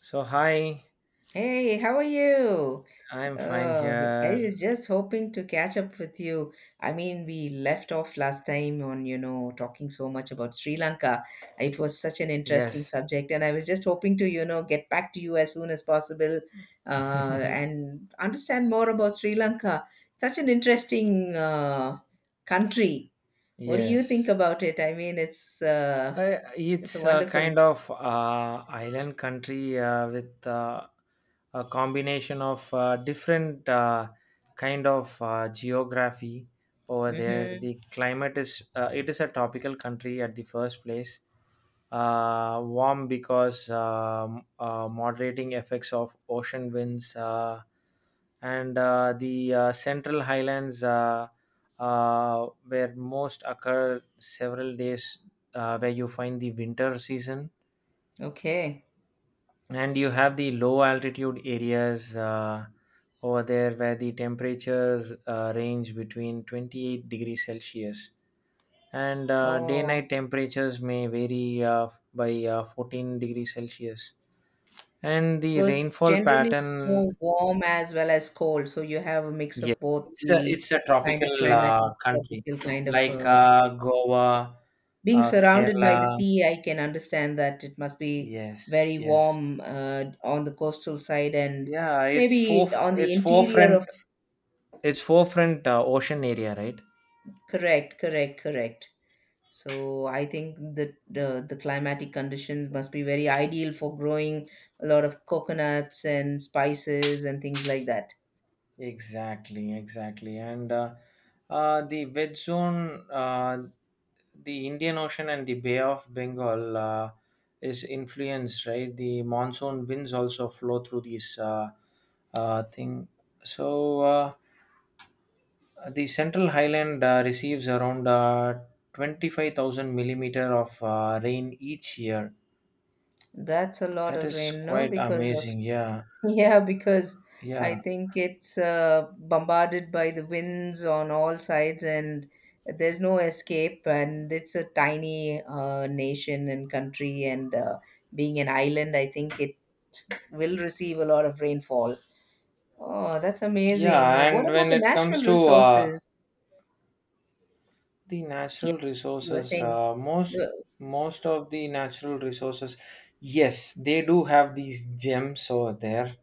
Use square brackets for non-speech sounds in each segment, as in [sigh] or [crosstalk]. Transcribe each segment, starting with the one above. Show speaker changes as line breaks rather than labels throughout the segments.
So hi,
Hey, how are you?
I'm fine
Uh, I was
here.
just hoping to catch up with you. I mean, we left off last time on, you know, talking so much about Sri Lanka. It was such an interesting
Yes,
subject, and I was just hoping to, you know, get back to you as soon as possible, uh,
[laughs]
and understand more about Sri Lanka. Such an interesting, country. What do you think
yes.
about it? I mean, it's a
It's a
wonderful.
kind of island country with a combination of different kind of geography over there. The
Mm-hmm.
climate is it is a tropical country at the first place, warm because moderating effects of ocean winds and the central highlands where most occur several days where you find the winter season,
Okay.
and you have the low altitude areas over there where the temperatures range between 28 degrees celsius, and day
Oh.
night temperatures may vary by 14 degrees celsius, and the
So it's
rainfall
generally
pattern.
more warm as well as cold. So you have a mix
Yeah,
of both
it's a,
the
it's a
kind of
tropical
climatic,
country,
tropical kind of
like Goa,
being surrounded by the
Kerala.
sea. I can understand that it must be
Yes,
very
yes.
warm on the coastal side, and
yeah it's four
maybe on the
it's
interior of.
forefront it's forefront ocean area, right?
Correct, correct, correct. So I think that the climatic conditions must be very ideal for growing a lot of coconuts and spices and things like that.
Exactly, exactly. And the wet zone, the Indian Ocean and the Bay of Bengal is influenced, right? The monsoon winds also flow through these thing. So uh, the Central Highland receives around 25,000 millimeter of rain each year.
That's a lot
That
of
is
rain, no?
quite
Because of,
amazing. Yeah,
[laughs] yeah, because I
yeah.
think it's bombarded by the winds on all sides, and there's no escape. And it's a tiny nation and country, and being an island, I think it will receive a lot of rainfall. Oh, that's amazing.
Yeah,
What
and
about
when
the
it
natural
comes to
resources?
the
Yeah,
natural
you were
resources,
saying.
most
Well.
most of the natural resources, yes, they do have these gems over there.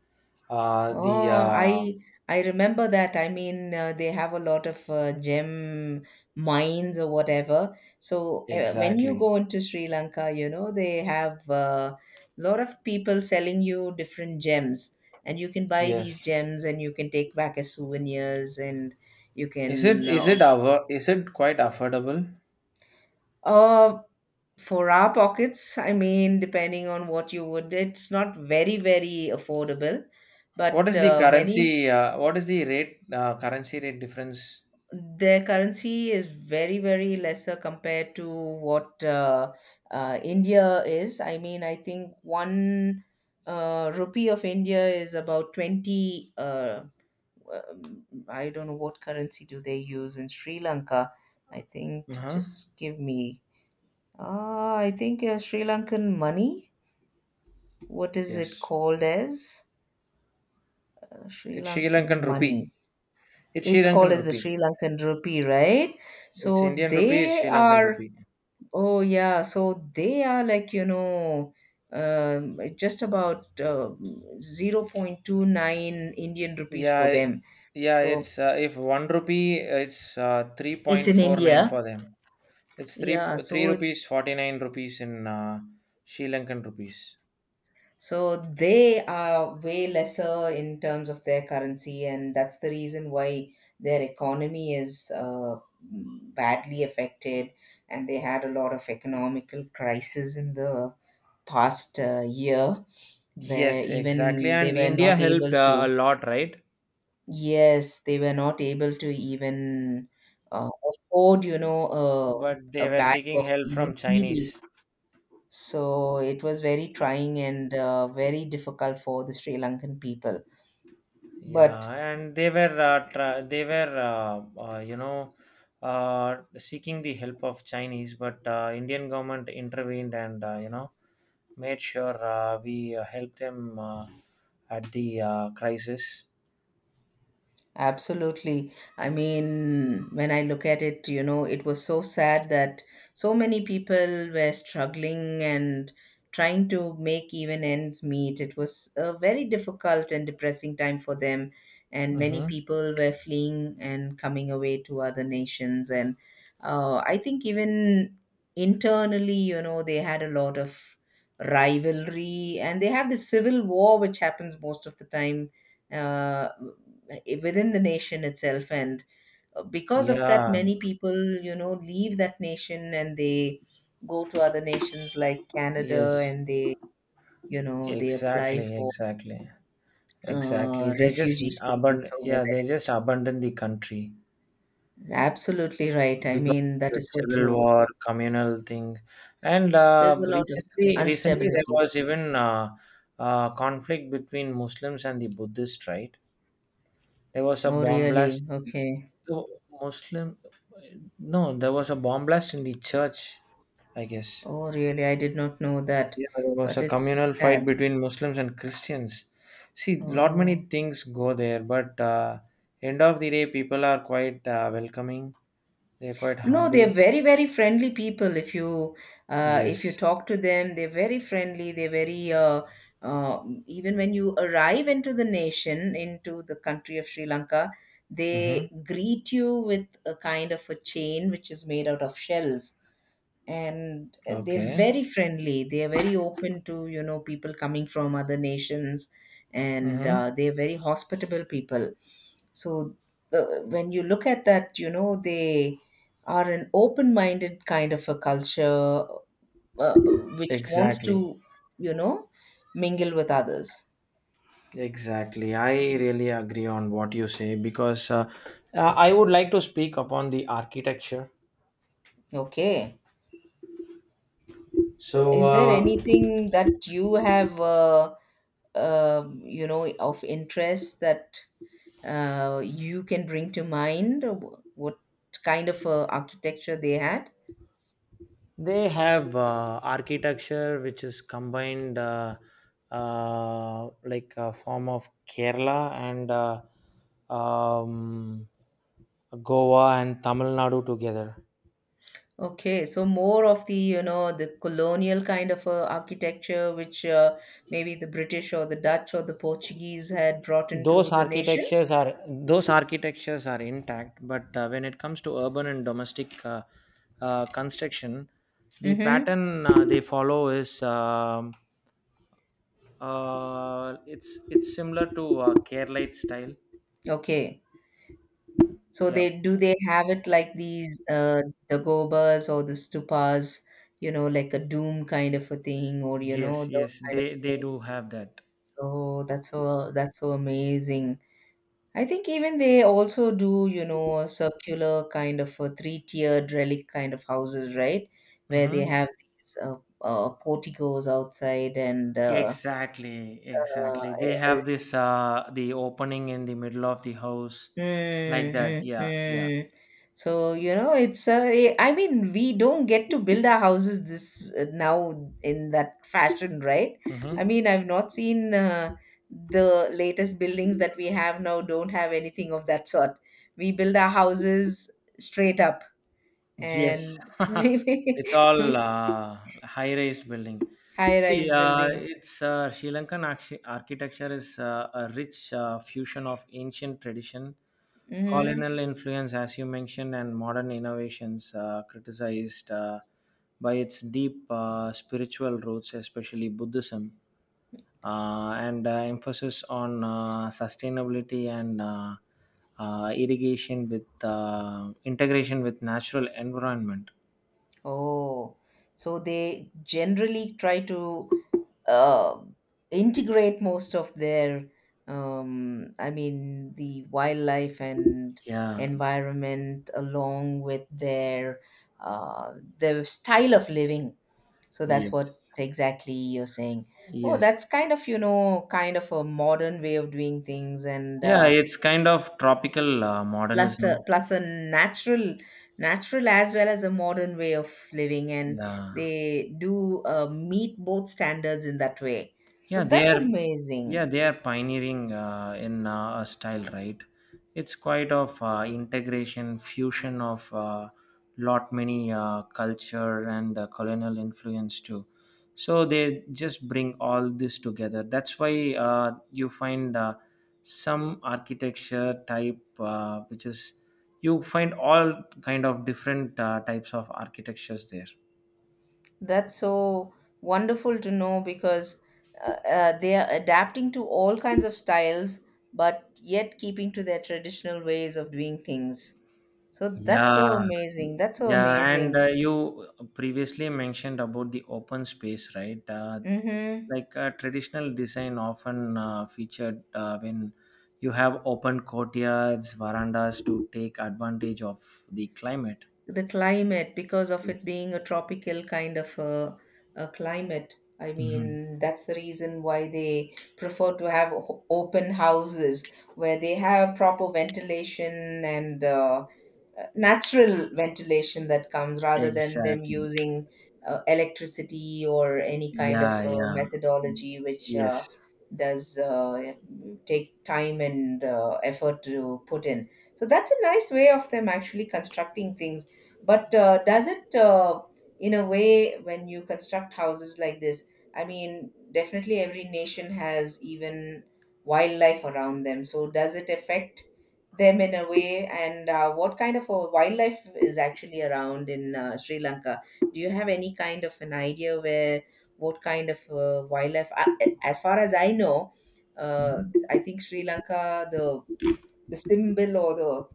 The
Oh, I remember that. I mean, they have a lot of gem mines or whatever. So when you
Exactly.
go into Sri Lanka, you know, they have a lot of people selling you different gems, and you can buy these
Yes.
gems and you can take back as souvenirs, and you
is it
can
is it our is it quite affordable?
uh, for our pockets, I mean, depending on what you would, it's not very, very affordable,
What
but
is the
many.
currency? What is the rate? Currency rate difference?
Their currency is very very lesser compared to what India is. I mean, I think one rupee of India is about 20 I don't know what currency do they use in Sri Lanka. I think
Uh-huh.
just give me I think Sri Lankan money. What is it
Yes,
called as? Sri
it's sri
Lankan
lankan rupee
money.
it's sri
It's called
lankan
as the
rupee
Sri Lankan rupee, right?
it's
So
indian rupee it's
they
sri lankan
are.
rupee
Oh yeah, so they are like, you know, just about 0.29 Indian rupees
Yeah,
for
I-
them.
yeah,
So
it's if one rupee, it's
it's in
3.49
India.
for them. It's
Yeah,
three
so it's.
rupees, 49 rupees in Sri Lankan rupees.
So they are way lesser in terms of their currency, and that's the reason why their economy is badly affected, and they had a lot of economical crisis in the past year, where
Yes, exactly.
even they
And
were
India
not
helped
able
a
to.
lot, right?
Yes, they were not able to even uh, afford, you know,
But
a
they
a
were
bag
seeking
of
help
even
from
tea leaf.
Chinese.
So it was very trying and very difficult for the Sri Lankan people. But.
Yeah, and they were you know, seeking the help of Chinese, but Indian government intervened and, you know, made sure we helped them. At the crisis.
Absolutely. I mean, when I look at it, you know, it was so sad that so many people were struggling and trying to make even ends meet. It was a very difficult and depressing time for them, and many
Mm-hmm.
people were fleeing and coming away to other nations. And I think even internally, you know, they had a lot of rivalry, and they have this civil war which happens most of the time uh, uh, within the nation itself, and because of that,
Yeah,
many people, you know, leave that nation, and they go to other nations like Canada,
yes,
and they, you know, they apply
exactly,
for
exactly, exactly. They just
refugee status
abandon,
over
yeah, they just abandon the country
there. Absolutely right. I
because
mean, that
the
is so
civil
true.
war, communal thing, and
There's a lot of
recently there
instability.
was even conflict between Muslims and the Buddhists, right? There was a
Oh
bomb
really,
blast.
okay.
Oh, Muslim, no, there was a bomb blast in the church, I guess.
Oh really, I did not know that.
Yeah, there was
But
a
it's
communal fight
sad.
between Muslims and Christians. See, lot
Oh.
many things go there, but end of the day, people are quite welcoming. They are quite
No, they're
humble.
very, very friendly people. If you, if you
Yes.
talk to them, they're very friendly. They're very even when you arrive into the nation, into the country of Sri Lanka,
Mm-hmm.
they greet you with a kind of a chain which is made out of shells, and they're
Okay.
very friendly, they're very open to, you know, people coming from other nations, and
Mm-hmm.
they're very hospitable people. So when you look at that, you know, they are an open-minded kind of a culture, uh, which wants
Exactly.
to, you know, mingle with others.
Exactly. I really agree on what you say because uh, I would like to speak upon the architecture.
Okay.
So,
Is there anything that you have, you know, of interest that you can bring to mind? What kind of architecture they had?
they have architecture which is combined like a form of Kerala and um, Goa and Tamil Nadu together.
Okay, so more of the, you know, the colonial kind of architecture, which maybe the British or the Dutch or the Portuguese had brought into
Those
the nation.
architectures are those architectures are intact, but when it comes to urban and domestic construction, the
Mm-hmm.
pattern they follow is it's similar to Keralite style.
Okay. So
Yeah.
they have it like these the gobas or the stupas, you know, like a doom kind of a thing, or you know,
Yes,
those
yes,
kind of
they
things.
do have that.
Oh, that's so amazing. I think even they also do, you know, a circular kind of a three-tiered relic kind of houses, right? Where they
Mm-hmm.
have these porticos outside, and
Exactly, exactly. They
uh,
have this the opening in the middle of the house, like that.
mm, mm,
Yeah, yeah.
mm. So, you know, I mean, we don't get to build our houses this now in that fashion, right? I
Mm-hmm.
mean, I've not seen the latest buildings that we have now don't have anything of that sort. We build our houses straight up,
Yes,
and [laughs]
[laughs]
we.
it's all high rise building. See,
High-rise buildings.
it's Sri Lankan architecture is a rich fusion of ancient tradition,
Mm-hmm.
colonial influence, as you mentioned, and modern innovations criticized by its deep spiritual roots, especially Buddhism, and emphasis on sustainability and irrigation with integration with natural environment.
Oh, so they generally try to uh, integrate most of their I mean, the wildlife and
Yeah.
environment along with uh, their style of living. So that's what
Yes.
exactly you're saying. Oh,
Yes.
that's kind of, you know, kind of a modern way of doing things, and
Yeah. It's kind of tropical
plus a,
modernism.
plus a Natural as well as a modern way of living, and
Yeah.
they do meet both standards in that way.
yeah
So
they
that's
are
amazing.
yeah, they are pioneering in a style, right? It's quite of integration fusion of lot many culture and colonial influence too, so they just bring all this together. That's why you find some architecture type which is, you find all kind of different types of architectures there.
That's so wonderful to know, because they are adapting to all kinds of styles, but yet keeping to their traditional ways of doing things. So that's so
Yeah,
amazing, that's so
yeah, and
amazing.
you previously mentioned about the open space, right? It's
Mm-hmm.
like a traditional design often featured when you have open courtyards, verandas to take advantage of the climate.
The climate, because of it
Yes.
being a tropical kind of a climate. I
Hmm.
mean, that's the reason why they prefer to have open houses where they have proper ventilation, and natural ventilation that comes rather than them
Exactly.
using electricity or any kind
Yeah,
of
yeah.
methodology, which
Yes.
does take time and effort to put in. So that's a nice way of them actually constructing things. But does it, in a way, when you construct houses like this, I mean, definitely every nation has even wildlife around them. So does it affect them in a way, and what kind of a wildlife is actually around in Sri Lanka? Do you have any kind of an idea where what kind of wildlife, I, as far as I know, uh,
Hmm.
I think Sri Lanka, the symbol or the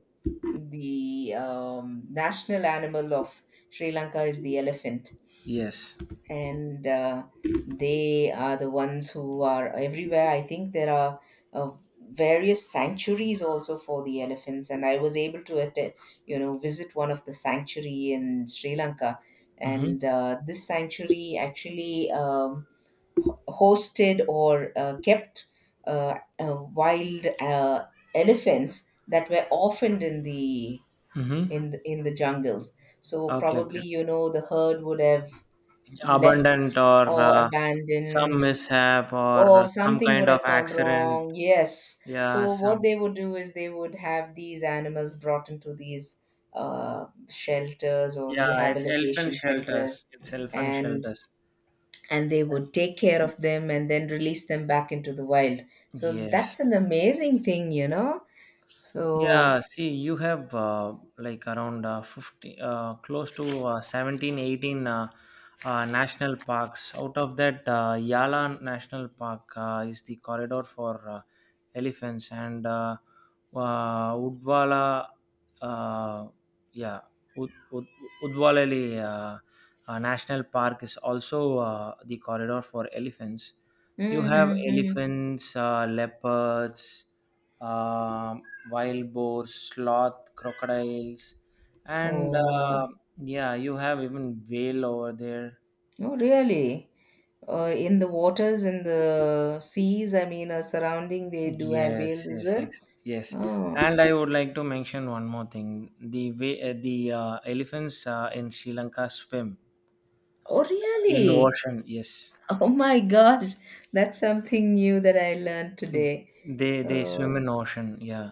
the um, national animal of Sri Lanka is the elephant,
Yes.
and they are the ones who are everywhere. I think there are uh, various sanctuaries also for the elephants, and I was able to attend, you know, visit one of the sanctuary in Sri Lanka,
Mm-hmm.
and this sanctuary actually hosted or kept wild elephants that were orphaned in the
Mm-hmm.
in the jungles. So
Okay,
probably,
okay.
you know, the herd would have left
Abundant or
or
some
abandoned,
mishap
or
or some
something would
kind of
have gone
accident.
wrong. Yes.
Yeah,
So what
some.
they would do is they would have these animals brought into these shelters or
Yeah, it's elfin
rehabilitation centers,
shelters. It's elfin
and
shelters.
and they would take care of them and then release them back into the wild. So
Yes.
that's an amazing thing, you know. So,
Yeah, see, you have like around 50, close to 17, 18 national parks. Out of that, Yala National Park is the corridor for elephants, and Udwala, uh, yeah, Ud, Ud, Udwalali National Park is also the corridor for elephants. You have
mm-hmm.
elephants, leopards. Um, Wild boars, sloth, crocodiles, and
Oh wow.
yeah, you have even whale over there.
Oh really? In the waters, in the seas, I mean, surrounding, they do have whales
Yes,
as
yes,
well.
yes.
Oh.
And I would like to mention one more thing: the way the elephants in Sri Lanka swim
Oh
in
really.
ocean. Yes.
Oh my gosh. That's something new that I learned today.
They
uh,
swim in ocean, yeah.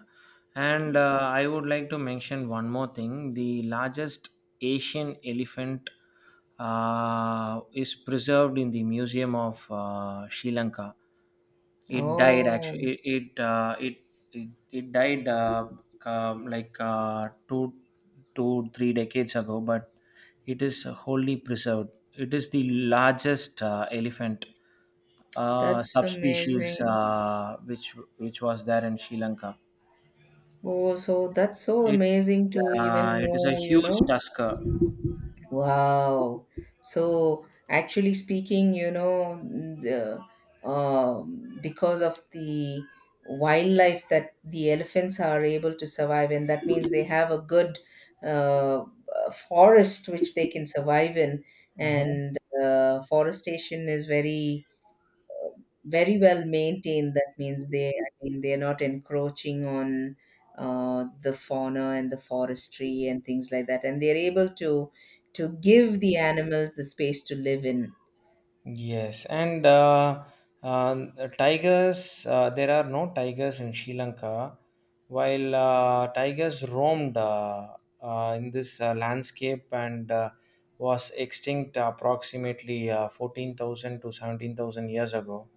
And I would like to mention one more thing, the largest Asian elephant is preserved in the museum of Sri Lanka. It died
oh,
actually, it died like two, three decades ago, but it is wholly preserved. It is the largest elephant
that's
subspecies
amazing.
which was there in Sri Lanka.
Oh, so that's so
It
amazing to even
it is a
know, you
huge
know.
tusker.
Wow. So actually speaking, you know, the, because of the wildlife that the elephants are able to survive in, that means they have a good uh, forest which they can survive in,
Mhm.
and forestation is very very well maintained. That means they, I mean, they're not encroaching on the fauna and the forestry and things like that, and they're able to give the animals the space to live in.
Yes, and uh, tigers, there are no tigers in Sri Lanka, while tigers roamed in this landscape and was extinct approximately 14,000 to 17,000 years ago.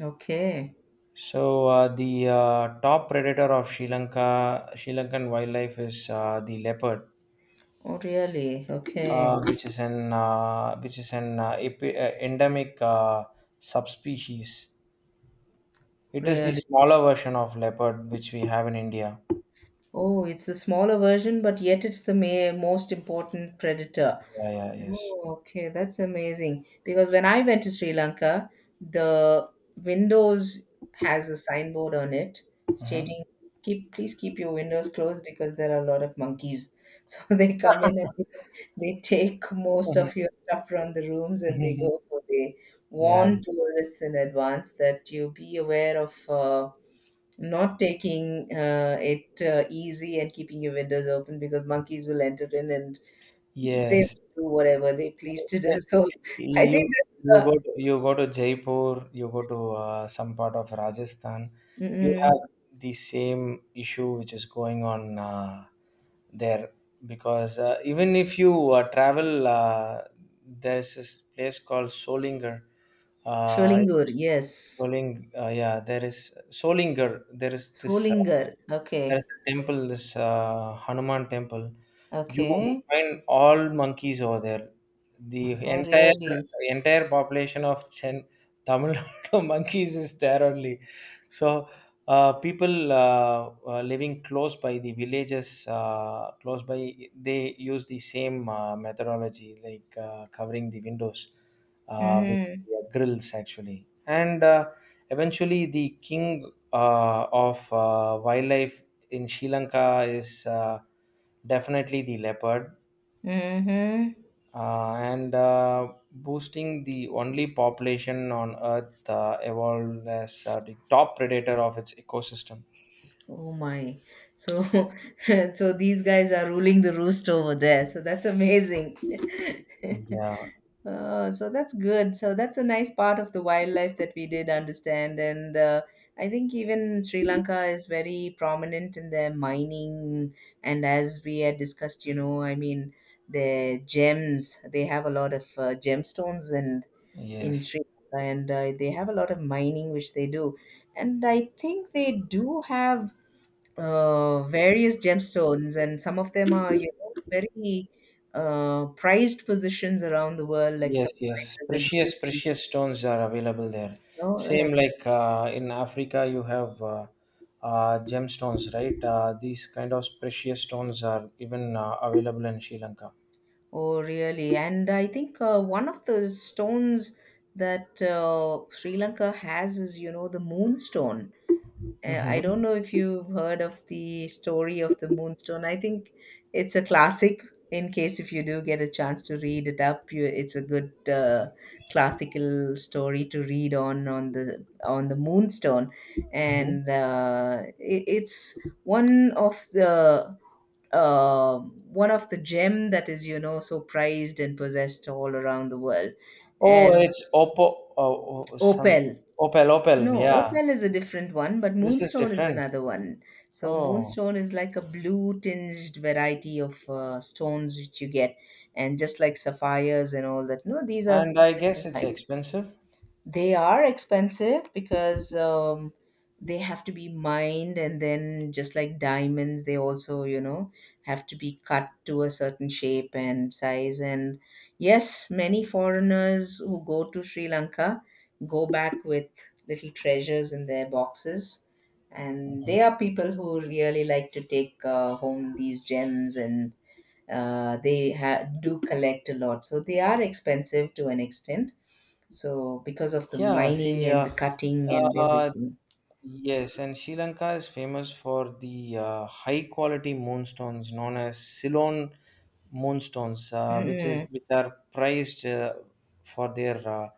Okay.
So, the top predator of Sri Lanka, Sri Lankan wildlife is the leopard,
Oh, really? Okay.
which is an epi- endemic subspecies. It is the
Really.
smaller version of leopard which we have in India.
Oh, it's the smaller version, but yet it's the most important predator.
Yeah, yeah, yes.
Oh, okay, that's amazing. Because when I went to Sri Lanka, the windows has a signboard on it stating, "Keep, please keep your windows closed because there are a lot of monkeys." [laughs] So they come in, and they take most of your stuff from the rooms and they
Hmm.
go. So they
[laughs] Yeah,
warn tourists in advance that you be aware of, not taking it easy and keeping your windows open, because monkeys will enter in and they
yes.
do whatever they please to do. [laughs] So I think
You you
that's
go to, you go to Jaipur, you go to some part of Rajasthan, you
mm-mm.
have the same issue which is going on there, because even if you travel, there's this place called Solinger. Uh,
Schoellinger, yes.
Yeah, there is Solinger. There is this
Solinger.
there is
Okay.
a temple, this Hanuman temple. You
Okay.
find all monkeys over there. The
Oh,
entire
really?
entire population of Chen Tamil [laughs] Nadu monkeys is there only. So people living close by the villages, close by, they use the same methodology like covering the windows with
Mm-hmm.
grills actually. And eventually, the king of wildlife in Sri Lanka is definitely the leopard,
Mm-hmm.
and boosting the only population on Earth evolved as the top predator of its ecosystem.
Oh my. So [laughs] so these guys are ruling the roost over there. So that's amazing.
Yeah.
[laughs] Oh, so that's good. So that's a nice part of the wildlife that we did understand. And I think even Sri Lanka is very prominent in their mining. And as we had discussed, I mean, their gems, they have a lot of gemstones and in
Yes.
Sri Lanka, and they have a lot of mining which they do. And I think they do have various gemstones, and some of them are, you know, very prized positions around the world, like
Yes. Yes.
sapphires and
Precious,
rubies.
precious stones are available there.
You know,
Same
like
like in Africa, you have gemstones, right? These kind of precious stones are even available in Sri Lanka.
oh, really? And I think one of the stones that Sri Lanka has is, you know, the moonstone. I
Hmm.
don't know if you've heard of the story of the Moonstone. I think it's a classic. In case if you do get a chance to read it up, you, it's a good classical story to read on on the Moonstone,
Hmm.
and it's one of the one of the gem that is, you know, so prized and possessed all around the world,
Oh,
and
it's Oppo, oh, oh, some
opal
opal, opal.
no,
Yeah,
opal is a different one, but
this is
moonstone is
different.
another one. So
Oh,
moonstone is like a blue tinged variety of stones which you get, and just like sapphires and all that. No, these are
and I guess
different
it's
kinds.
expensive.
They are expensive because they have to be mined, and then just like diamonds, they also, you know, have to be cut to a certain shape and size. And yes, many foreigners who go to Sri Lanka go back with little treasures in their boxes. And they are people who really like to take home these gems and do collect a lot, so they are expensive to an extent, so because of the
Yeah,
mining
see,
and the cutting and
uh,
everything.
yes, and Sri Lanka is famous for the high quality moonstones known as Ceylon moonstones, which is
Mm.
which are prized for their uh,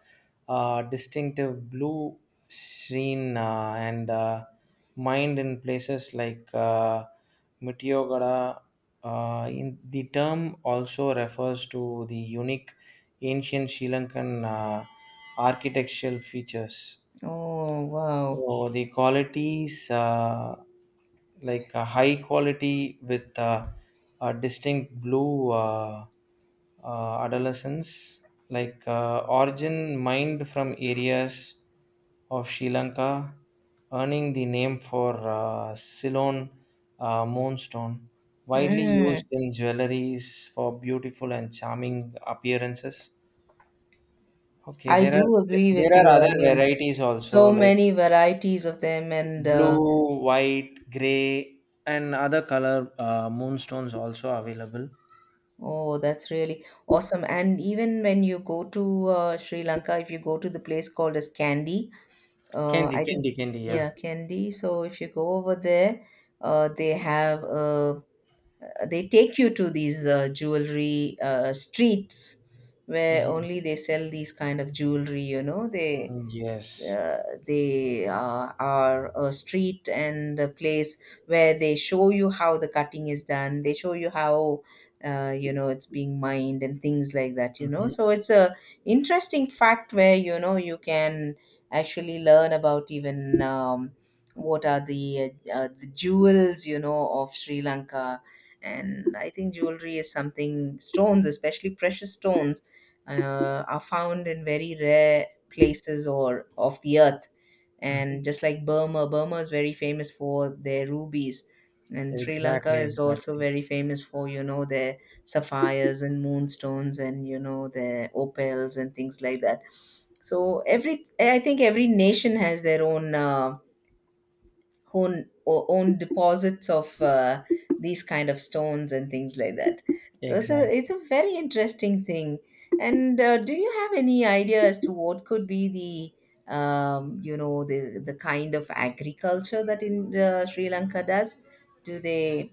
uh, distinctive blue sheen and mined in places like Meteorgada. In the term also refers to the unique ancient Sri Lankan architectural features.
Oh, wow.
So the qualities like a high quality with a distinct blue adolescence, like origin mined from areas of Sri Lanka, earning the name for Ceylon moonstone, widely
Mm.
used in jewelries for beautiful and charming appearances. Okay,
I
there
do
are
agree with
there are
you, I
other
mean,
varieties also
so
like
many varieties of them and
blue, white, gray, and other color moonstones also available.
oh, that's really awesome. And even when you go to Sri Lanka, if you go to the place called as Candy, I think
Candy. Yeah.
yeah, Candy, so if you go over there, they have a they take you to these jewelry streets where
Mm-hmm.
only they sell these kind of jewelry, you know, they
Yes.
are a street and a place where they show you how the cutting is done, they show you how you know, it's being mined and things like that, you know,
Mm-hmm.
so it's a interesting fact where, you know, you can actually learn about even what are the jewels, you know, of Sri Lanka. And I think jewelry is something stones, especially precious stones, are found in very rare places or of the earth.
Mm-hmm.
And just like Burma, Burma is very famous for their rubies. And Sri Lanka
Exactly.
is also
Exactly.
very famous for, you know, their sapphires and moonstones and, you know, their opals and things like that. So every, I think every nation has their own own deposits of these kind of stones and things like that. So it's a
Exactly.
it's a very interesting thing. And do you have any idea as to what could be the you know, the kind of agriculture that in Sri Lanka does? Do they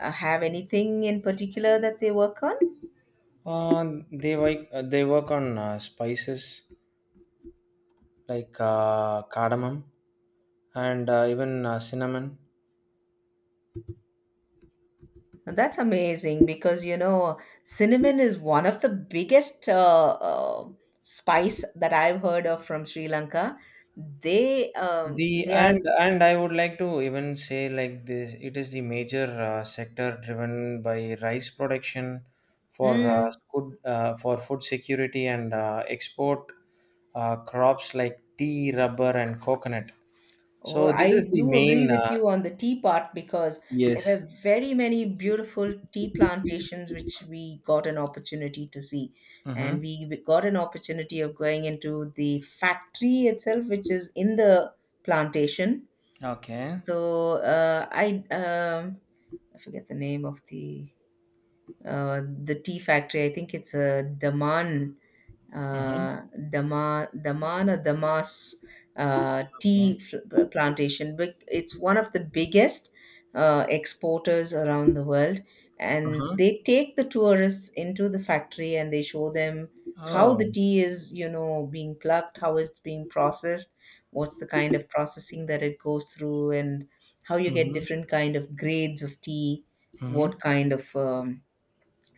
have anything in particular that they work on?
They like they work on spices like cardamom and even cinnamon.
That's amazing because, you know, cinnamon is one of the biggest spice that I've heard of from Sri Lanka.
The
They are.
and I would like to even say like this, it is the major sector driven by rice production for
Mm,
food for food security and export crops like tea, rubber, and coconut.
oh,
So this is
I
the
do agree
main.
with you on the tea part because there
Yes.
were very many beautiful tea plantations which we got an opportunity to see,
Mm-hmm.
and we got an opportunity of going into the factory itself, which is in the plantation.
Okay.
So I forget the name of the tea factory. I think it's a Daman
Mm-hmm.
uh, Dama, Damana Damas
Okay.
plantation. But it's one of the biggest exporters around the world, and
Uh-huh.
they take the tourists into the factory and they show them how the
Oh.
tea is, you know, being plucked, how it's being processed, what's the kind of processing that it goes through, and how you get
Mm-hmm.
different kind of grades of tea, what
Mm-hmm.
kind of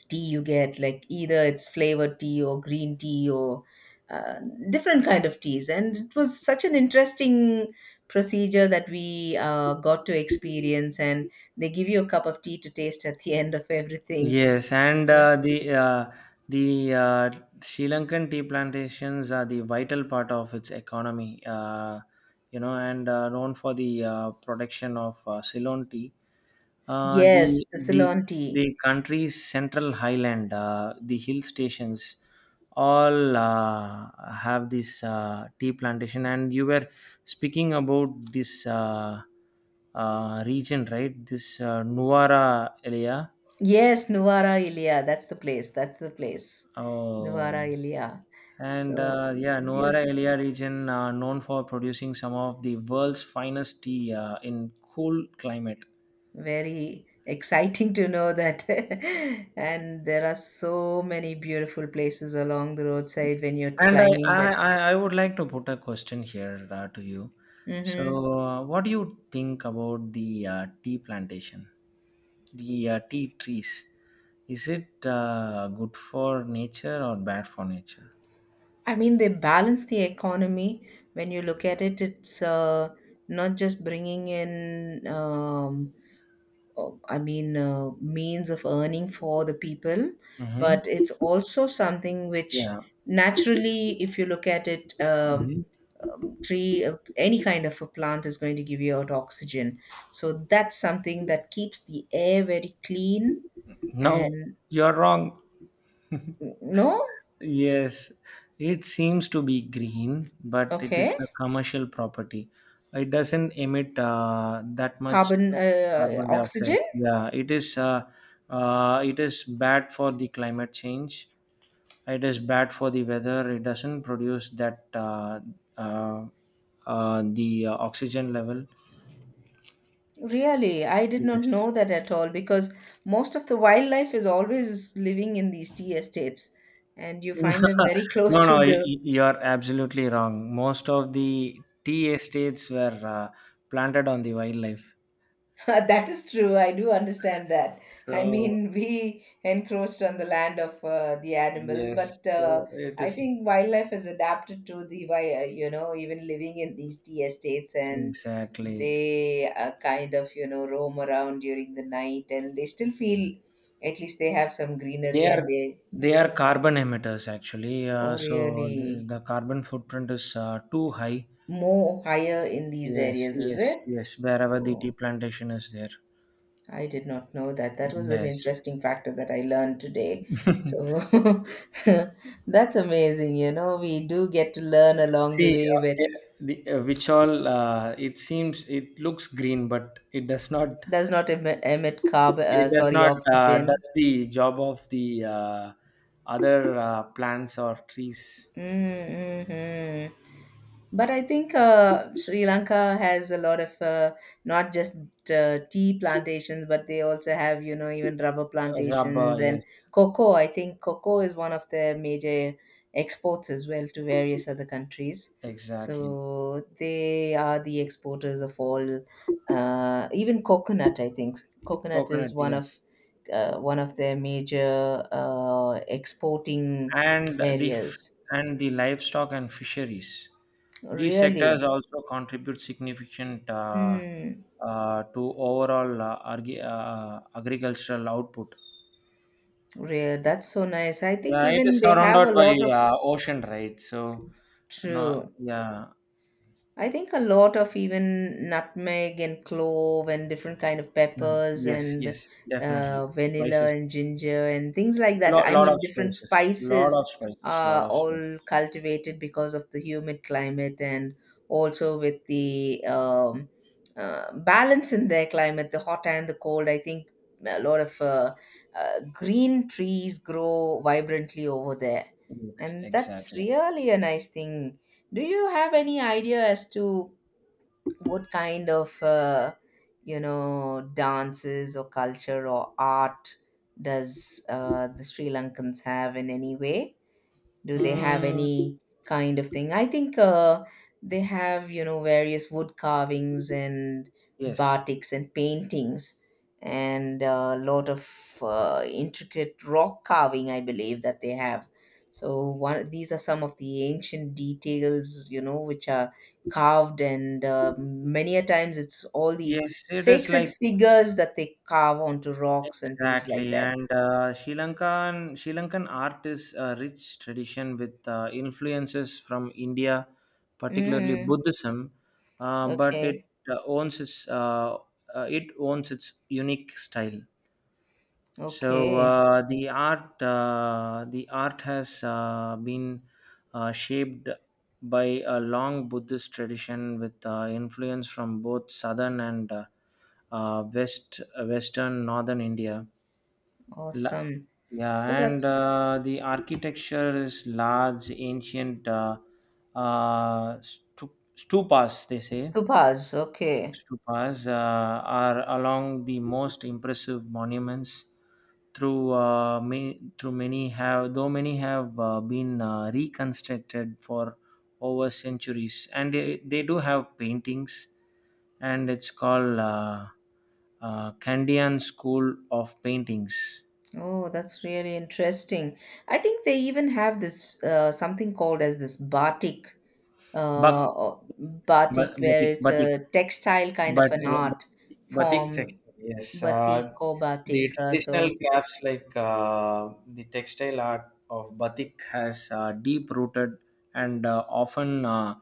tea you get, like either it's flavored tea or green tea or uh, different kind of teas, and it was such an interesting procedure that we got to experience. And they give you a cup of tea to taste at the [laughs] end of everything.
Yes, and
Yeah.
the Sri Lankan tea plantations are the vital part of its economy. You know, and known for the production of Ceylon tea. Uh,
Yes,
the
the Ceylon
the
tea.
the country's central highland, the hill stations, all have this tea plantation. And you were speaking about this region, right? This Nuwara area.
Yes, Nuwara ilia that's the place, that's the place,
Oh,
Nuwara ilia
and
so
yeah,
it's a
Nuara
beautiful
Elia
place.
region known for producing some of the world's finest tea in cool climate.
Very exciting to know that. [laughs] And there are so many beautiful places along the roadside when you're
And
climbing that.
I would like to put a question here to you. So,
Hmm.
what do you think about the tea plantation, the tea trees? Is it good for nature or bad for nature?
I mean, they balance the economy. When you look at it, it's not just bringing in, oh, I mean, means of earning for the people, but
Mm-hmm.
it's also something which
Yeah.
naturally, if you look at it,
Hmm.
tree any kind of a plant is going to give you out oxygen, so that's something that keeps the air very clean
No,
and
you're wrong. [laughs]
no
Yes, it seems to be green, but it is
okay
a commercial property. It doesn't emit that much
carbon,
carbon dioxide.
oxygen.
Yeah, it is. It is bad for the climate change. It is bad for the weather. It doesn't produce that uh, the oxygen level.
Really, I did not
Yes.
know that at all, because most of the wildlife is always living in these tea estates, and you find them very [laughs]
[laughs]
close
No,
to
no,
the
you're absolutely wrong. Most of the tea estates were planted on the wildlife.
[laughs] that is true. I do understand that. I
So
mean, [laughs] we encroached on the land of the animals,
yes,
but
so it
I
is.
think wildlife has adapted to the, you know, even living in these tea estates, and
Exactly.
they kind of, you know, roam around during the night and they still feel at least they have some
They
greenery and
are
they,
They are carbon emitters actually.
oh,
So the,
really,
the carbon footprint is too high.
more higher in these
Yes,
areas, is
yes,
it?
yes. Wherever the tea
Oh.
plantation is there.
I did not know that. That was an
Yes.
interesting factor that I learned today. So
[laughs]
[laughs] that's amazing. You know, we do get to learn along the
See,
way with
the, which all it seems it looks green, but it does not.
does not emit, emit carbon,
It does
sorry,
not
oxygen.
does the job of the other plants or trees.
Mm-hmm. But I think Sri Lanka has a lot of not just tea plantations, but they also have, you know, even rubber plantations
Rubber,
and
yes.
cocoa. I think cocoa is one of their major exports as well to various other countries.
Exactly.
So they are the exporters of all, even coconut, I think. Coconut is
Coconut, yeah.
one of their major exporting
And the f-
areas.
and the livestock and fisheries. These sectors
Really?
also contribute significant
Mm,
to overall agricultural output.
real. That's so nice. I think
Yeah, it
even
is
they have
surrounded
a
by
lot of
ocean, right? So, no,
true.
yeah,
I think a lot of even nutmeg and clove and different kind of
mm,
peppers
yes,
and
yes, definitely.
vanilla
Spices,
and ginger and things like that.
lot,
I
lot
mean,
of
different
spices, lot
spices
of spices, lot
are
of
all
spices.
cultivated because of the humid climate and also with the balance in their climate, the hot and the cold. I think a lot of green trees grow vibrantly over there,
Yes,
and that's
exactly.
really a nice thing. Do you have any idea as to what kind of, you know, dances or culture or art does the Sri Lankans have in any way? Do they have
Mm,
any kind of thing? I think they have, you know, various wood carvings and
yes,
batiks and paintings and a lot of intricate rock carving, I believe, that they have. So one, these are some of the ancient details, you know, which are carved, and many a times it's all these
yes, it is
sacred
like.
figures that they carve onto rocks and things like
Exactly,
that.
and Sri Lankan art is a rich tradition with influences from India, particularly
Mm-hmm.
Buddhism, but
Okay.
uh, owns its uh, it owns its unique style. So
Okay.
the art has been shaped by a long Buddhist tradition with influence from both southern and western northern India. La-
Awesome.
yeah,
So
and
that's
the architecture is large, ancient stupas, they say.
Subhas. Okay.
Stupas are along the most impressive monuments. Through may, through many have though many have been reconstructed for over centuries, and they do have paintings, and it's called Candian School of Paintings.
Oh, that's really interesting. I think they even have this something called as this batik,
But
batik, where
Batik,
it's
batik,
a textile kind of
but
an
yeah,
art
batik
form,
textile. Yes,
batik or
the
batik.
traditional
So
crafts like the textile art of batik has deep rooted and often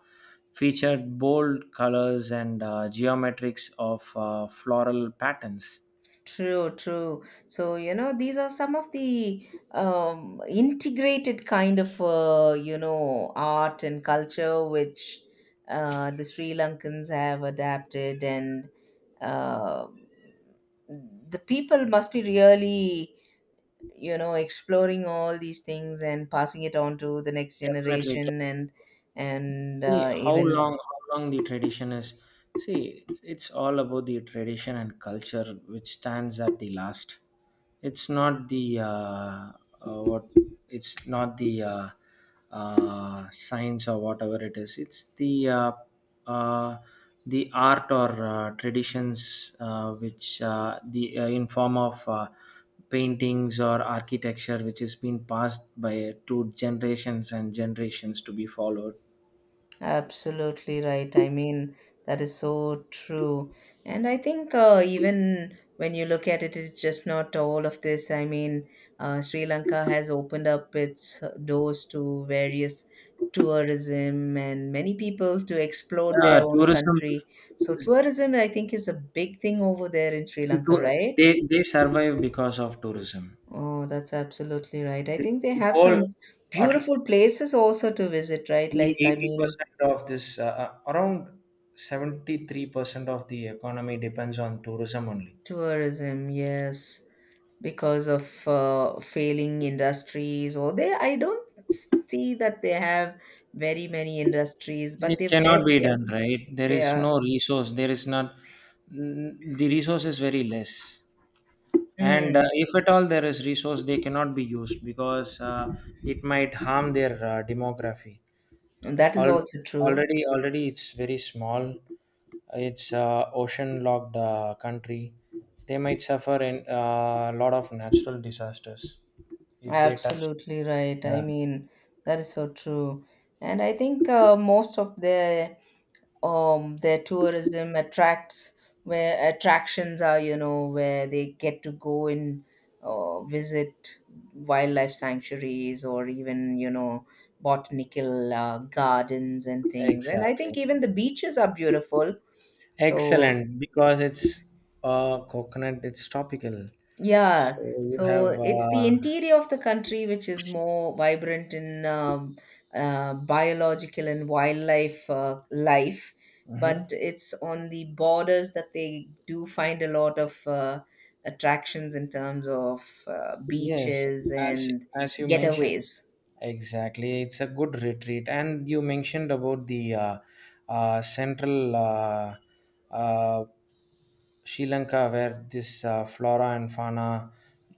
featured bold colors and geometrics of floral patterns.
true, true. So, you know, these are some of the integrated kind of, you know, art and culture which the Sri Lankans have adapted, and uh, the people must be really, you know, exploring all these things and passing it on to the next
Definitely.
generation and and
See
uh, even
how long the tradition is. See, it's all about the tradition and culture which stands at the last. It's not the what. It's not the science or whatever it is. It's uh, the art or traditions which the in form of paintings or architecture which has been passed by to generations and generations to be followed.
absolutely right. I mean, that is so true. And I think even when you look at it, it's just not all of this. I mean, Sri Lanka has opened up its doors to various tourism and many people to explore their
Yeah,
own
tourism.
country. So, tourism, I think, is a big thing over there in Sri
See,
Lanka, right?
they survive because of tourism.
Oh, that's absolutely right. I
The,
think they
the
have
whole,
some
at l-
beautiful places also to visit, right?
the
Like, I
eighty
mean,
percent of this, around 73% of the economy depends on tourism only.
tourism yes because of failing industries, or they, I don't see that they have very many industries, but
It cannot be
they're
done, right? There
they
is
are
no resource. There is not, the resource is very less. And
mm,
if at all there is resource, they cannot be used because it might harm their demography.
and that is
Al-
also true.
Already it's very small. It's ocean locked country. They might suffer in a lot of natural disasters if they touch.
Absolutely right. I
Yeah,
mean, that is so true. And I think most of their tourism attracts where attractions are, you know, where they get to go and visit wildlife sanctuaries or even, you know, botanical gardens and things. And I think
exactly.
even the beaches are beautiful. So
Excellent because it's coconut, it's tropical. So
yeah,
you have,
so it's the interior of the country which is more vibrant in biological and wildlife life, but
mhm.
it's on the borders that they do find a lot of attractions in terms of
Yes,
beaches
as
and
as you mentioned,
getaways.
exactly. It's a good retreat, and you mentioned about the central uh, Sri Lanka, where this flora and fauna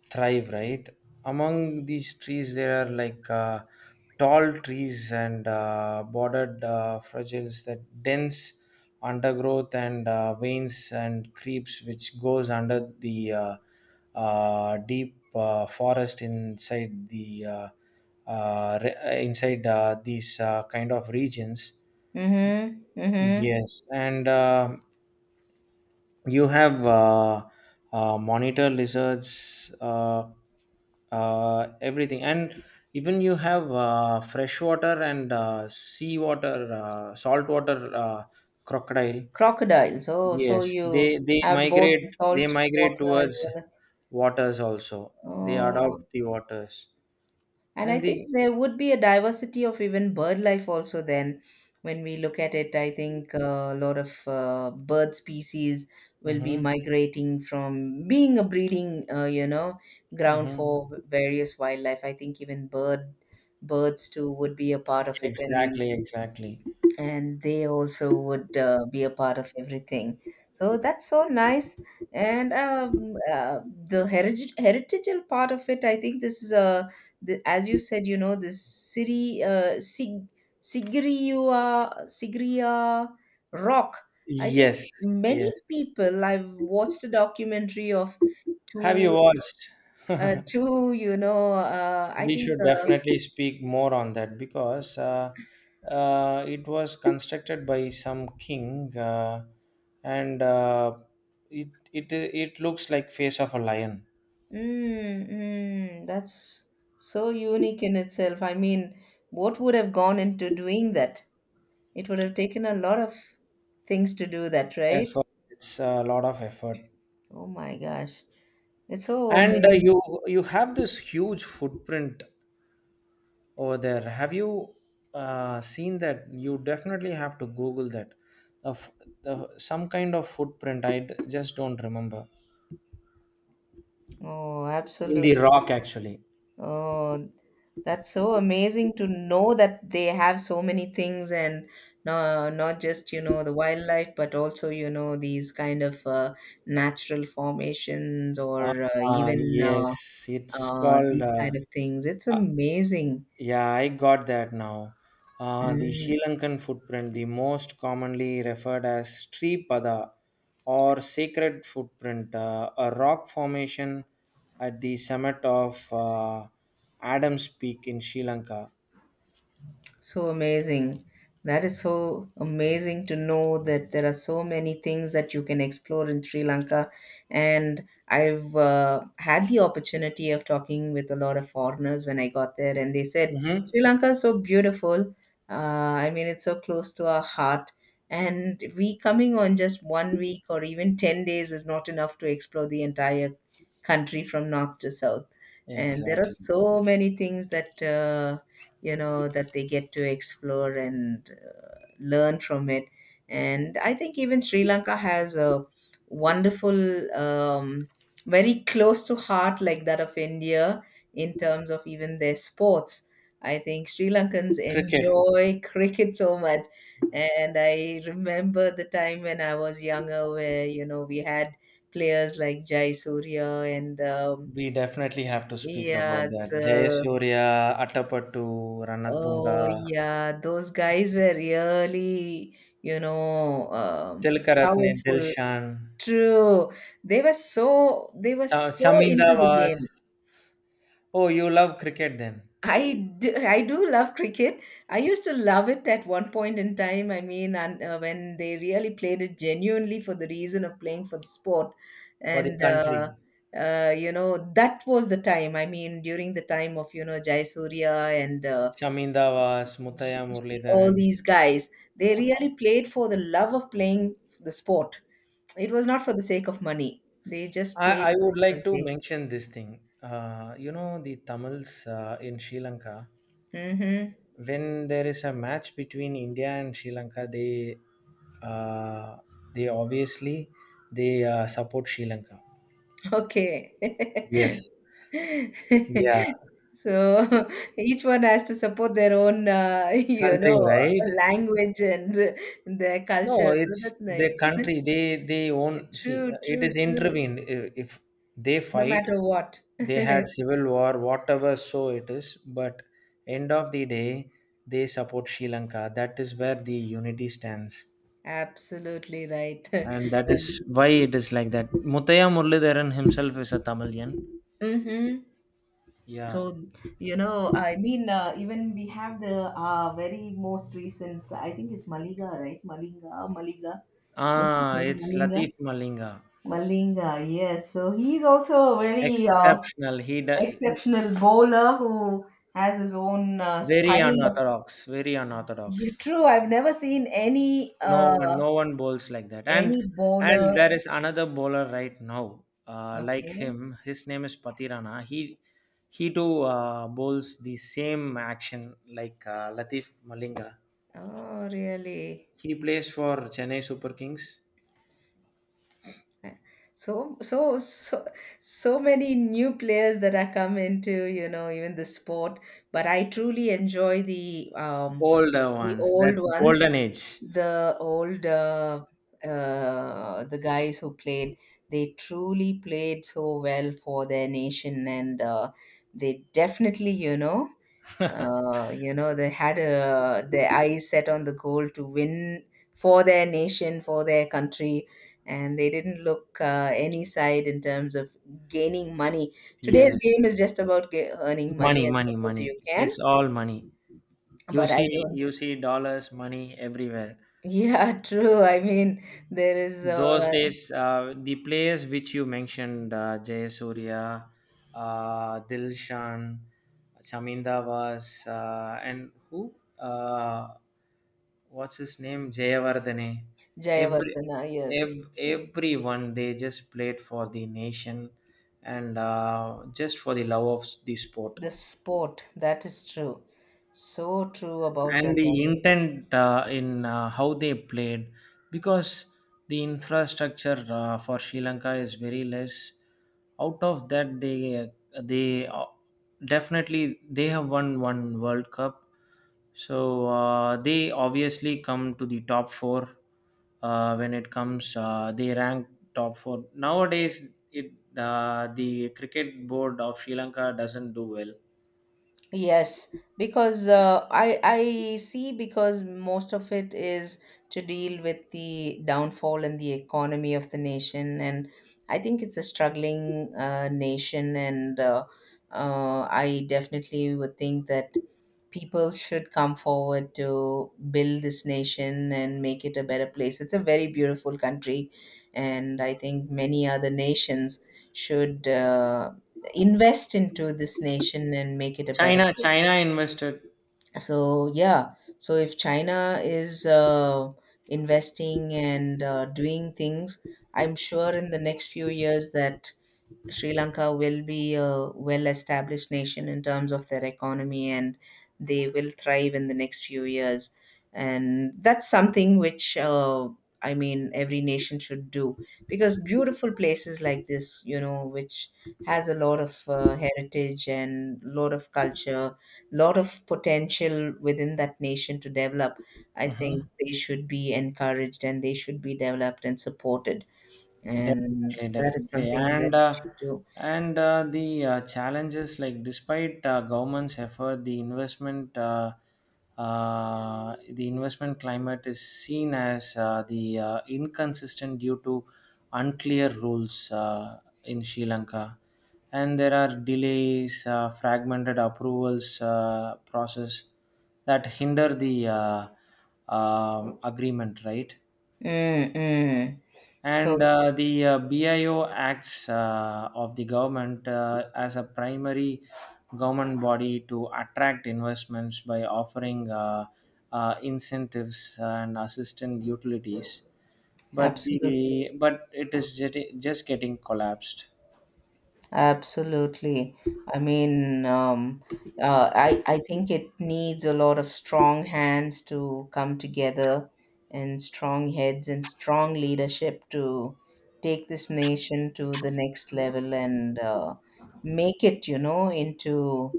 thrive. Right among these trees, there are like tall trees and bordered fragiles that dense undergrowth and veins and creeps which goes under the deep forest inside the inside these kind of regions.
Mm-hmm. Mm-hmm.
Yes, and you have monitor lizards, everything. And even you have freshwater and seawater, saltwater crocodile.
Crocodiles. Oh, so
Yes,
you
they
have both the
migrate they
salt
migrate
water as
towards
well as.
waters also. They
Oh.
adopt the waters
And I
and
think
the,
there would be a diversity of even bird life also then. When we look at it, I think a lot of bird species will be
hmm,
migrating from being a breeding, you know, ground
hmm,
for various wildlife. I think even birds too would be a part of it, and
exactly, exactly.
and they also would be a part of everything. So that's so nice. And the heritageal part of it, I think this is as you said, you know, this Sigiriya rock. I think
Yes,
many
yes.
people, I've watched a documentary of
Have you
two,
watched? [laughs]
two, you know, I
We
think
should definitely speak more on that because it was constructed by some king and it looks like face of a lion.
mm, mm, that's so unique in itself. I mean, what would have gone into doing that? It would have taken a lot of things to do that, right?
Effort. It's a lot of effort.
Oh my gosh. It's so
And
amazing.
you have this huge footprint over there. Have you seen that? You definitely have to Google that. Uh, f- some kind of footprint. Just don't remember.
Oh,
In the
absolutely.
rock, actually.
Oh, that's so amazing to know that they have so many things and no, not just, you know, the wildlife, but also, you know, these kind of natural formations
Uh,
or even uh,
yes, it's
uh,
called.
these kind of things. It's amazing.
Yeah, I got that now. The
Mm,
Sri Lankan footprint, the most commonly referred as Sri Pada or sacred footprint, a rock formation at the summit of Adam's Peak in Sri Lanka.
so amazing. That is so amazing to know that there are so many things that you can explore in Sri Lanka. And I've had the opportunity of talking with a lot of foreigners when I got there, and they said,
Hmm.
Sri Lanka is so beautiful. Uh, I mean, it's so close to our heart. And we coming on just 1 week or even 10 days is not enough to explore the entire country from north to south. And there are
Exactly.
so many things that. You know that they get to explore and learn from it, and I think even Sri Lanka has a wonderful, um, very close to heart like that of India in terms of even their sports. I think Sri Lankans
Cricket,
enjoy cricket so much, and I remember the time when I was younger where, you know, we had players like Jai Surya and
we definitely have to speak about
yeah,
that.
the
Jayasurya, Attapattu,
oh,
Ranatunga,
yeah, those guys were really, you know,
Tilkaratne,
powerful.
Dilshan,
True. They were so
Chaminda
into the
was.
game.
Oh, you love cricket then.
I do love cricket. I used to love it at one point in time. I mean, and when they really played it genuinely for the reason of playing for the sport,
For the
and uh,
country.
uh, you know, that was the time. I mean, during the time of, you know, Jaisurya and
Shaminda was Muthaya
ye- all
Muralidharan.
these guys, they really played for the love of playing the sport. It was not for the sake of money. They just
I,
played
I
it
would like
because
to
they
mention this thing. The Tamils in Sri Lanka,
hmm.
when there is a match between India and Sri Lanka, uh, they obviously they support Sri Lanka.
Okay.
Yes.
[laughs]
Yeah.
So, [laughs] each one has to support their own, [laughs] you know,
Country, right?
language and their
No,
culture, so
it's
that's
the
nice. [laughs]
country. They own. See,
True,
it
true,
is
true.
intervened. If they
No
fight,
matter what.
they had
[laughs]
civil war, whatever, so it is, but end of the day they support Sri Lanka. That is where the unity stands,
Absolutely right.
and
[laughs]
that is
When
why it is like that. Mutaya Murlidharan himself is a Tamilian.
hmm. So,
Yeah.
you know, I mean, even we have the very most recent, I think it's Maliga, right? Malinga, Maliga. What's his
Ah,
name?
it's
Malinga.
Latif Malinga.
Malinga, yes. So he's also a very
Exceptional.
exceptional bowler who has his own
Very
style of.
unorthodox, very
You
unorthodox.
true. I've never seen any
No one,
uh,
no one bowls like that. And
any
and
bowler.
there is another bowler right now, like
Okay.
him. His name is Patirana. He too bowls the same action like Latif Malinga.
Oh, really?
He plays for Chennai Super Kings.
so so so so many new players that are come into, you know, even the sport, but I truly enjoy
Older
the
ones.
old
That's
ones,
golden age.
the old the guys who played. They truly played so well for their nation, and they definitely, you know, you know, they had their eyes set on the goal to win for their nation, for their country, and they didn't look any side in terms of gaining money. Today's
Yes.
game is just about earning money
Money,
as
money,
much as
money.
you can,
It's all money.
but I don't.
You see dollars, money everywhere.
Yeah, [laughs] true. I mean, there is
Those days, the players which you mentioned, Jay Surya, Dilshan, Shaminda was, and who? What's his name? Jayavardhane. Every,
Jayavardhana, yes, true.
Everyone, they just played for the nation and just for the love of the sport.
The sport, that is true. So true about that
And the
one.
intent in how they played, because the infrastructure for Sri Lanka is very less. Out of that, they definitely they have won one World Cup, so they obviously come to the top four when it comes. They rank top four nowadays. It The cricket board of Sri Lanka doesn't do well.
Yes, because I see, because most of it is to deal with the downfall and the economy of the nation, and I think it's a struggling nation, and I definitely would think that people should come forward to build this nation and make it a better place. It's a very beautiful country, and I think many other nations should invest into this nation and make it a better
China
place.
China invested.
So, yeah, so if China is investing and doing things, I'm sure in the next few years that Sri Lanka will be a well established nation in terms of their economy, and they will thrive in the next few years. And that's something. I mean, every nation should do, because beautiful places like this, you know, which has a lot of heritage and lot of culture, lot of potential within that nation to develop. I think
Mhm.
they should be encouraged, and they should be developed and supported. And
Definitely,
that is
definitely,
something that
and
we
uh,
should do.
and uh, the challenges like, despite government's effort, the investment climate is seen as the inconsistent due to unclear rules in Sri Lanka, and there are delays, fragmented approvals process that hinder the agreement, right?
Mm, mm.
And
So
the bio acts of the government as a primary government body to attract investments by offering incentives and assistant utilities,
absolutely,
but it is just getting collapsed.
absolutely. I mean, I think it needs a lot of strong hands to come together, and strong heads and strong leadership to take this nation to the next level, and make it, you know, into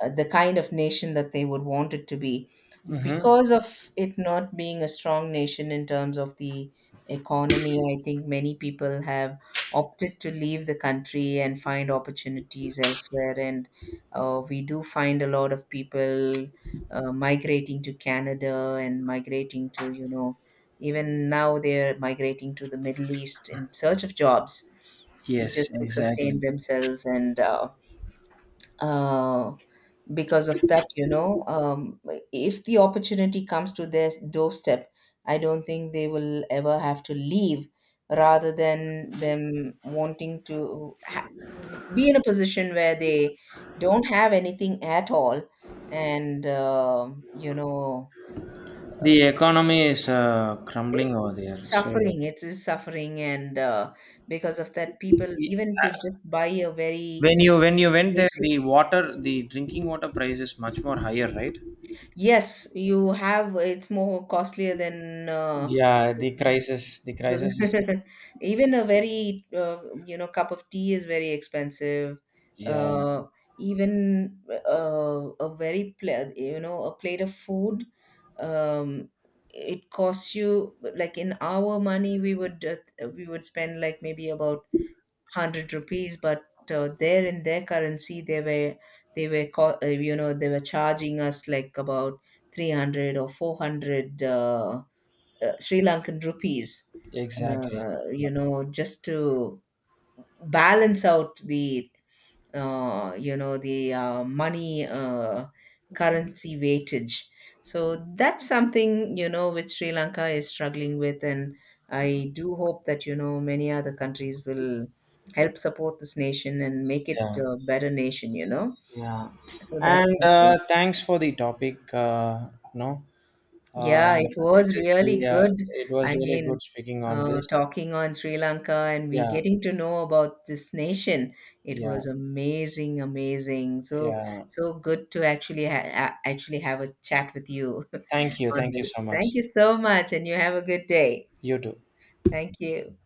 the kind of nation that they would want it to be.
Hmm,
Because of it not being a strong nation in terms of the economy, I think many people have opted to leave the country and find opportunities elsewhere, and we do find a lot of people migrating to Canada and migrating to, you know, even now they're migrating to the Middle East in search of jobs
yes,
just to sustain
exactly.
themselves, and uh, because of that, you know, if the opportunity comes to their doorstep, I don't think they will ever have to leave, rather than them wanting to be in a position where they don't have anything at all. And, you know, uh,
The economy is crumbling
it-
over there,
it's
so.
suffering it is suffering and because of that, people
i-
even to just buy a very
when you went there,
basic
the water, the drinking water price is much more higher, right?
yes, you have. It's more costlier than
Yeah, the crisis is.
the, [laughs] even a very, you know, cup of tea is very expensive.
Yeah,
Uh, even a very pla you know, a plate of food, um, it costs you like in our money we would, we would spend like maybe about hundred rupees, but there in their currency they were, they were you know, they were charging us like about 300 or 400, Sri Lankan rupees,
exactly.
you know, just to balance out the you know, the money, currency weightage. So that's something, you know, which Sri Lanka is struggling with, and I do hope that, you know, many other countries will help support this nation and make it
Yeah,
a better nation, you know.
yeah.
So that is
And
something.
thanks for the topic. No,
Yeah,
uh,
it
it
was
is
really
the, uh,
good.
it was
I
really
mean,
good speaking on this.
talking on Sri Lanka and we
Yeah,
getting to know about this nation, it
yeah,
was amazing, amazing. So,
yeah.
so good to actually actually have a chat with you
thank
[laughs]
you
on
thank you so
this.
much.
Thank you so much, and you have a good day.
You too.
Thank you.